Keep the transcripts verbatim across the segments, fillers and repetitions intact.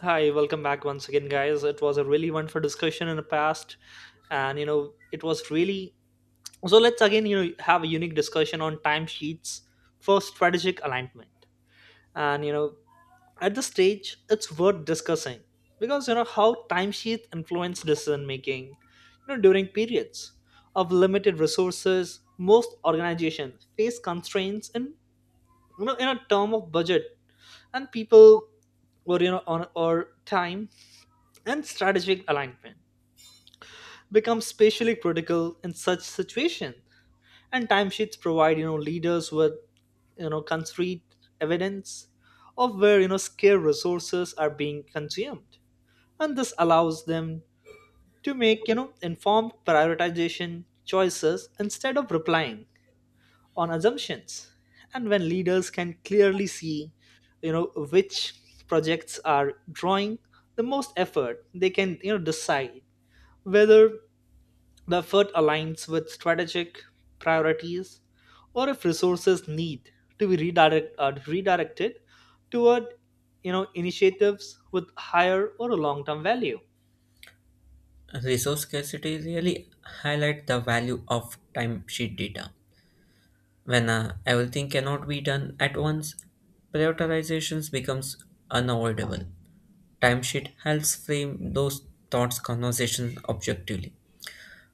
Hi, welcome back once again, guys. It was a really wonderful discussion in the past, and you know, it was really so. Let's again, you know, have a unique discussion on timesheets for strategic alignment. And you know, at this stage, it's worth discussing because you know how timesheets influence decision making, you know, during periods of limited resources. Most organizations face constraints in you know in a term of budget and people, or you know on, or time. And strategic alignment become spatially critical in such situation, and timesheets provide you know leaders with you know concrete evidence of where you know scarce resources are being consumed. And this allows them to make you know informed prioritization choices instead of replying on assumptions. And when leaders can clearly see you know which projects are drawing the most effort, they can you know decide whether the effort aligns with strategic priorities, or if resources need to be redirect, uh, redirected toward you know initiatives with higher or a long-term value. Resource scarcity really highlight the value of timesheet data. When uh, everything cannot be done at once, prioritizations becomes unavoidable. Timesheet helps frame those thoughts conversations objectively.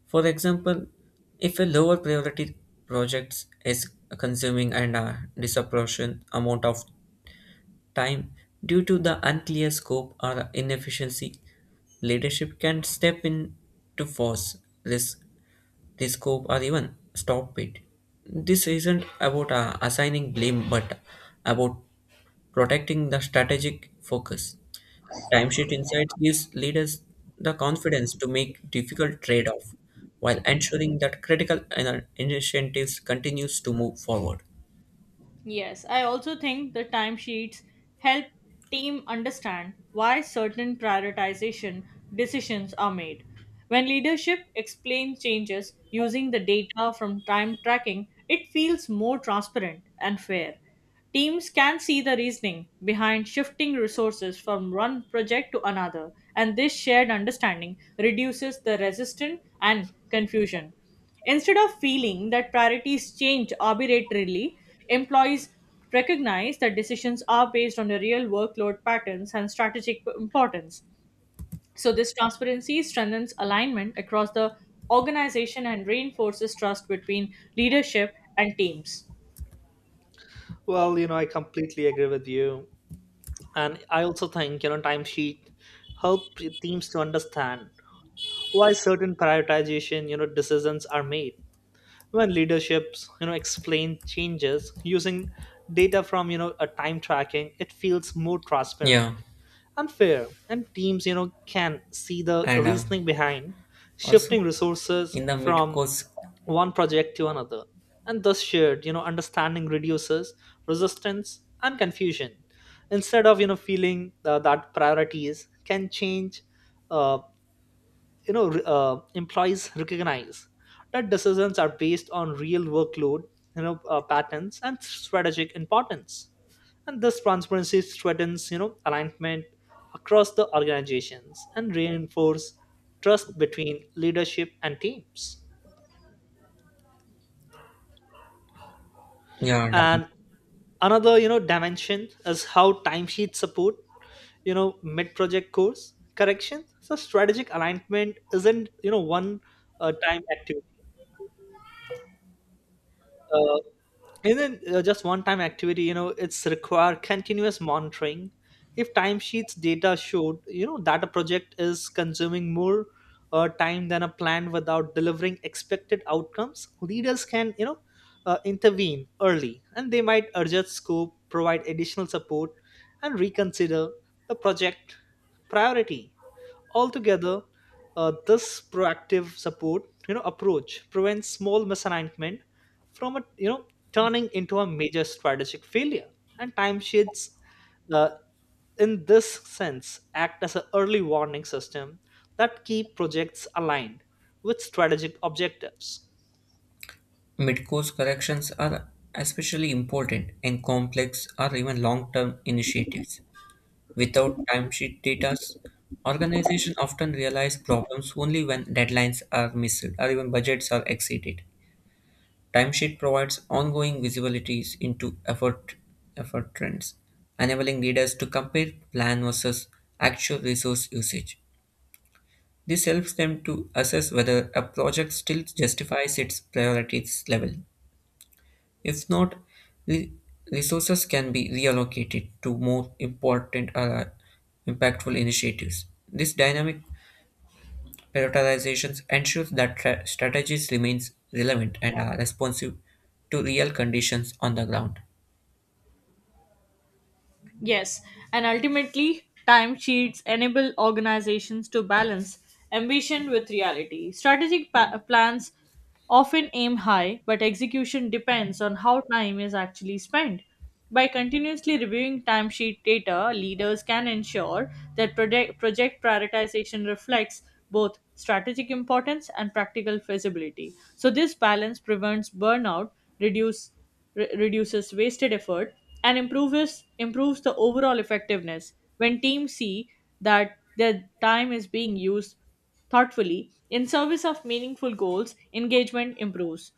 For example, if a lower priority project is consuming and a disproportionate amount of time due to the unclear scope or inefficiency. Leadership can step in to force this, this scope or even stop it. This isn't about uh, assigning blame but about protecting the strategic focus. Timesheet Insights gives leaders the confidence to make difficult trade-off while ensuring that critical ina- initiatives continues to move forward. Yes, I also think the timesheets help team understand why certain prioritization decisions are made. When leadership explains changes using the data from time tracking, it feels more transparent and fair. Teams can see the reasoning behind shifting resources from one project to another, and this shared understanding reduces the resistance and confusion. Instead of feeling that priorities change arbitrarily, employees recognize that decisions are based on the real workload patterns and strategic importance. So, this transparency strengthens alignment across the organization and reinforces trust between leadership and teams. Well, you know, I completely agree with you. And I also think, you know, timesheet help teams to understand why certain prioritization, you know, decisions are made when leaderships you know explain changes using data from you know a time tracking. It feels more Yeah, transparent and fair, and teams you know can see the and uh, reasoning behind Also, shifting resources in the from mid-course one project to another. And thus shared you know understanding reduces resistance and confusion instead of you know feeling uh, that priorities can change, uh, you know re- uh, employees recognize that decisions are based on real workload, you know uh, patterns and strategic importance. And this transparency strengthens you know alignment across the organizations and reinforce trust between leadership and teams. yard, And another you know dimension is how timesheet support you know mid project course correction. So strategic alignment isn't you know one uh, time activity. Uh, And then uh, just one time activity, you know, it's require continuous monitoring. If timesheets data showed, you know, that a project is consuming more uh, time than a plan without delivering expected outcomes, leaders can, you know, uh, intervene early, and they might adjust scope, provide additional support, and reconsider the project priority. Altogether, uh, this proactive support, you know, approach prevents small misalignment from a you know turning into a major strategic failure. And timesheets, uh, in this sense, act as an early warning system that keep projects aligned with strategic objectives. Mid-course corrections are especially important in complex or even long-term initiatives. Without timesheet data, organizations often realize problems only when deadlines are missed or even budgets are exceeded. Timesheet provides ongoing visibilities into effort, effort trends, enabling leaders to compare plan versus actual resource usage. This helps them to assess whether a project still justifies its priorities level. If not, re- resources can be reallocated to more important or impactful initiatives. This dynamic prioritization ensures that tra- strategies remains relevant and are responsive to real conditions on the ground. Yes, and ultimately, timesheets enable organizations to balance ambition with reality. Strategic pa- plans often aim high, but execution depends on how time is actually spent. By continuously reviewing timesheet data, leaders can ensure that project, project prioritization reflects both strategic importance and practical feasibility. So, this balance prevents burnout, reduce re- reduces wasted effort, and improves improves the overall effectiveness. When teams see that their time is being used thoughtfully in service of meaningful goals, engagement improves.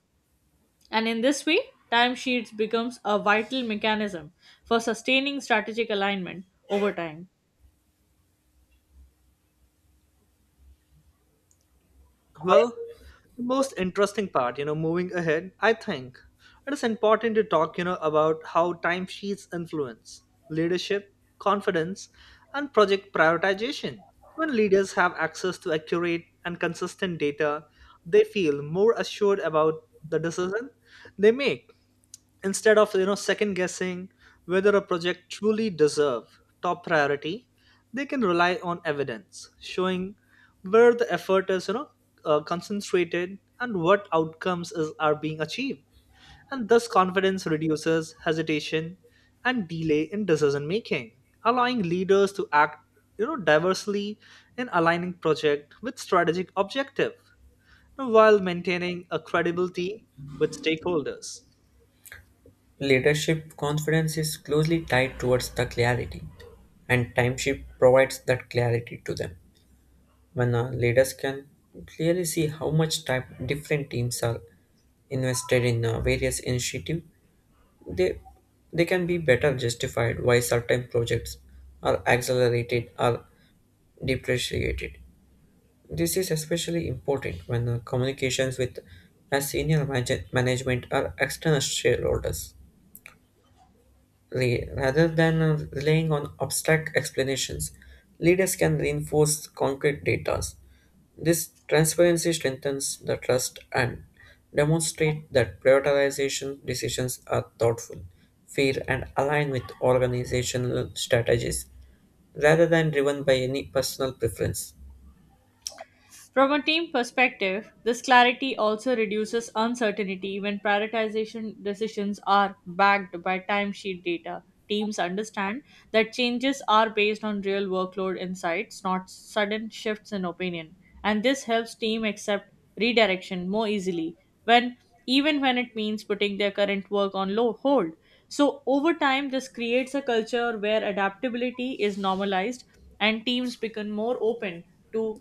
And in this way, timesheets becomes a vital mechanism for sustaining strategic alignment over time. Well, the most interesting part, you know, moving ahead, I think it is important to talk, you know, about how timesheets influence leadership, confidence, and project prioritization. When leaders have access to accurate and consistent data, they feel more assured about the decision they make instead of you know second guessing whether a project truly deserve top priority. They can rely on evidence showing where the effort is, you know uh, concentrated, and what outcomes is, are being achieved. And thus confidence reduces hesitation and delay in decision making, allowing leaders to act you know diversely in aligning project with strategic objective while maintaining a credibility with stakeholders. Leadership confidence is closely tied towards the clarity, and timeship provides that clarity to them. When uh, leaders can clearly see how much time different teams are invested in uh, various initiatives, they they can be better justified why certain projects are accelerated or depreciated. This is especially important when uh, communications with a senior manage- management or external shareholders. Re- Rather than uh, relying on abstract explanations, leaders can reinforce concrete data. This transparency strengthens the trust and demonstrate that prioritization decisions are thoughtful, fair, and aligned with organizational strategies rather than driven by any personal preference. From a team perspective, this clarity also reduces uncertainty when prioritization decisions are backed by timesheet data. Teams understand that changes are based on real workload insights, not sudden shifts in opinion. And this helps team accept redirection more easily when even when it means putting their current work on low hold. So over time this creates a culture where adaptability is normalized and teams become more open to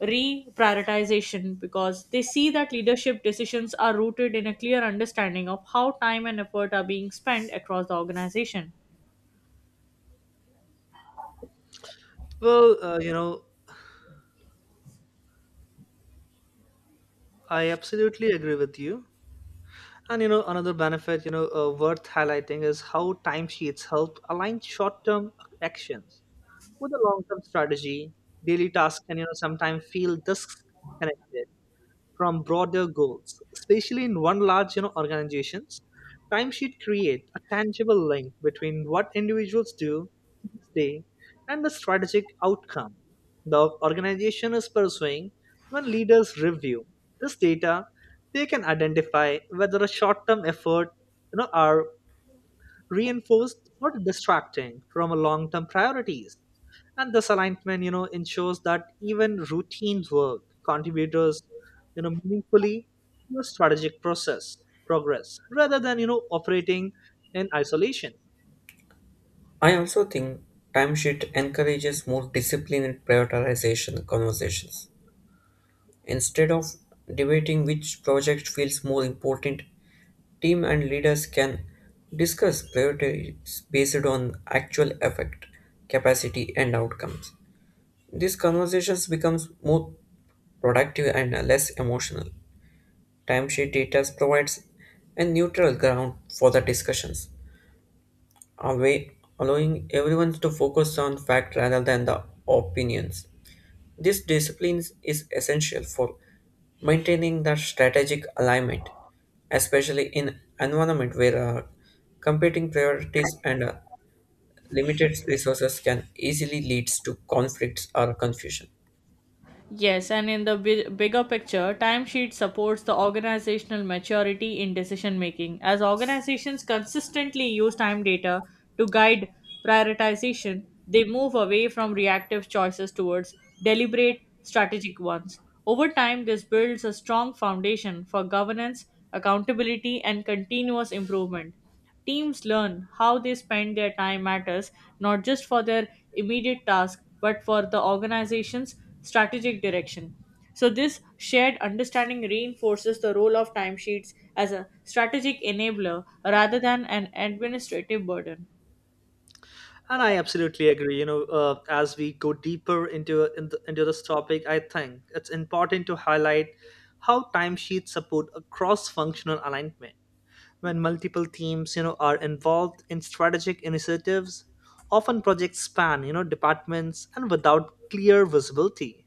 reprioritization because they see that leadership decisions are rooted in a clear understanding of how time and effort are being spent across the organization. Well, uh, you know I absolutely agree with you. And you know, another benefit, you know, uh, worth highlighting is how timesheets help align short-term actions with a long-term strategy. Daily tasks can, you know, sometimes feel disconnected from broader goals, especially in one large you know organizations. Timesheet create a tangible link between what individuals do each day and the strategic outcome the organization is pursuing. When leaders review this data, they can identify whether a short-term effort you know are reinforced or distracting from a long-term priorities. And this alignment, you know, ensures that even routine work contributors, you know, meaningfully to a strategic process progress rather than you know operating in isolation. I also think timesheet encourages more disciplined prioritization conversations. Instead of debating which project feels more important, team and leaders can discuss priorities based on actual effect, capacity, and outcomes. These conversations become more productive and less emotional. Timesheet data provides a neutral ground for the discussions alway allowing everyone to focus on fact rather than the opinions. This discipline is essential for maintaining the strategic alignment, especially in environment where uh, competing priorities and uh, limited resources can easily lead to conflicts or confusion. Yes, and in the bi- bigger picture, timesheet supports the organizational maturity in decision making. As organizations consistently use time data to guide prioritization, they move away from reactive choices towards deliberate, strategic ones. Over time, this builds a strong foundation for governance, accountability, and continuous improvement. Teams learn how they spend their time matters not just for their immediate task but for the organization's strategic direction. So, this shared understanding reinforces the role of timesheets as a strategic enabler rather than an administrative burden. And I absolutely agree. You know, uh, as we go deeper into into into this topic, I think it's important to highlight how timesheets support a cross-functional alignment when multiple teams you know are involved in strategic initiatives. Often projects span you know departments, and without clear visibility,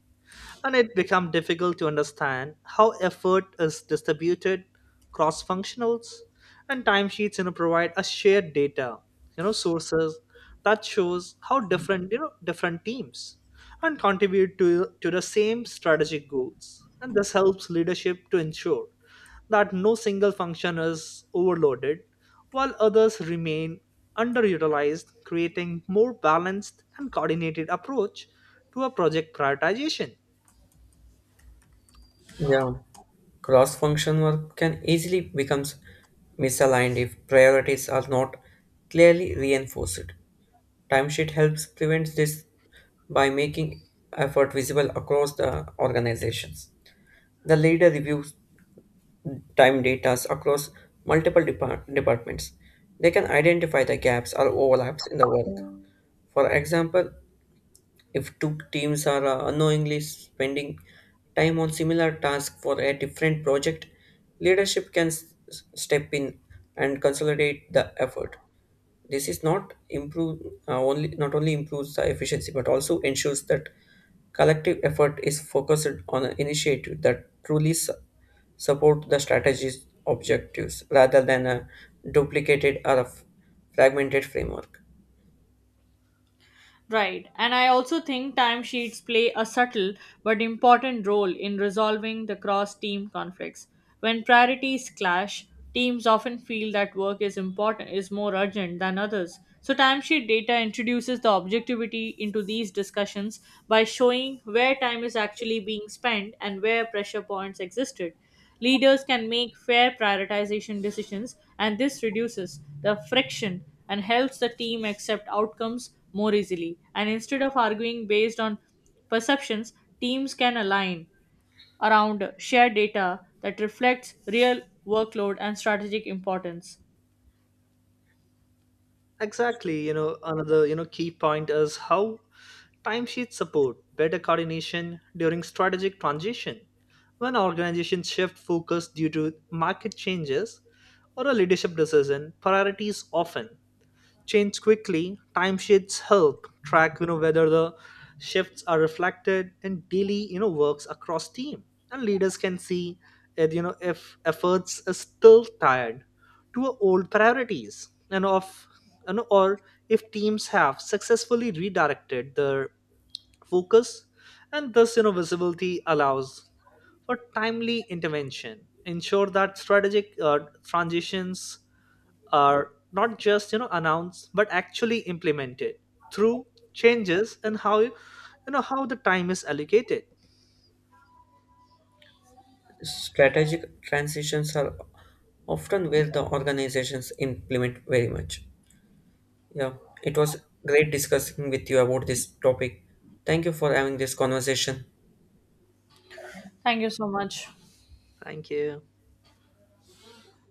and it becomes difficult to understand how effort is distributed cross functionals. And timesheets you know provide a shared data, you know sources that shows how different you know different teams and contribute to to the same strategic goals. And this helps leadership to ensure that no single function is overloaded while others remain underutilized, creating more balanced and coordinated approach to a project prioritization. Yeah. Cross function work can easily become misaligned if priorities are not clearly reinforced. Timesheet helps prevent this by making effort visible across the organizations. The leader reviews time data across multiple depart- departments. They can identify the gaps or overlaps in the work. For example, if two teams are uh, unknowingly spending time on similar tasks for a different project, leadership can s- step in and consolidate the effort. This is not improve uh, only not only improves the efficiency but also ensures that collective effort is focused on an initiative that truly su- support the strategy's objectives rather than a duplicated or a f- fragmented framework. Right, and I also think timesheets play a subtle but important role in resolving the cross team conflicts. When priorities clash, teams often feel that work is important is more urgent than others. So timesheet data introduces the objectivity into these discussions by showing where time is actually being spent and where pressure points existed. Leaders can make fair prioritization decisions, and this reduces the friction and helps the team accept outcomes more easily. And instead of arguing based on perceptions, teams can align around shared data that reflects real workload and strategic importance. Exactly, you know, another, you know, key point is how timesheets support better coordination during strategic transition. When organizations shift focus due to market changes or a leadership decision, priorities often change quickly. Timesheets help track you know whether the shifts are reflected in daily you know works across team, and leaders can see that, you know if efforts are still tied to our old priorities, and of you know, or if teams have successfully redirected their focus. And thus you know visibility allows for timely intervention. Ensure that strategic uh, transitions are not just you know announced but actually implemented through changes in how you know how the time is allocated. Strategic transitions are often where the organizations implement very much. Yeah, it was great discussing with you about this topic. Thank you for having this conversation. Thank you so much. Thank you.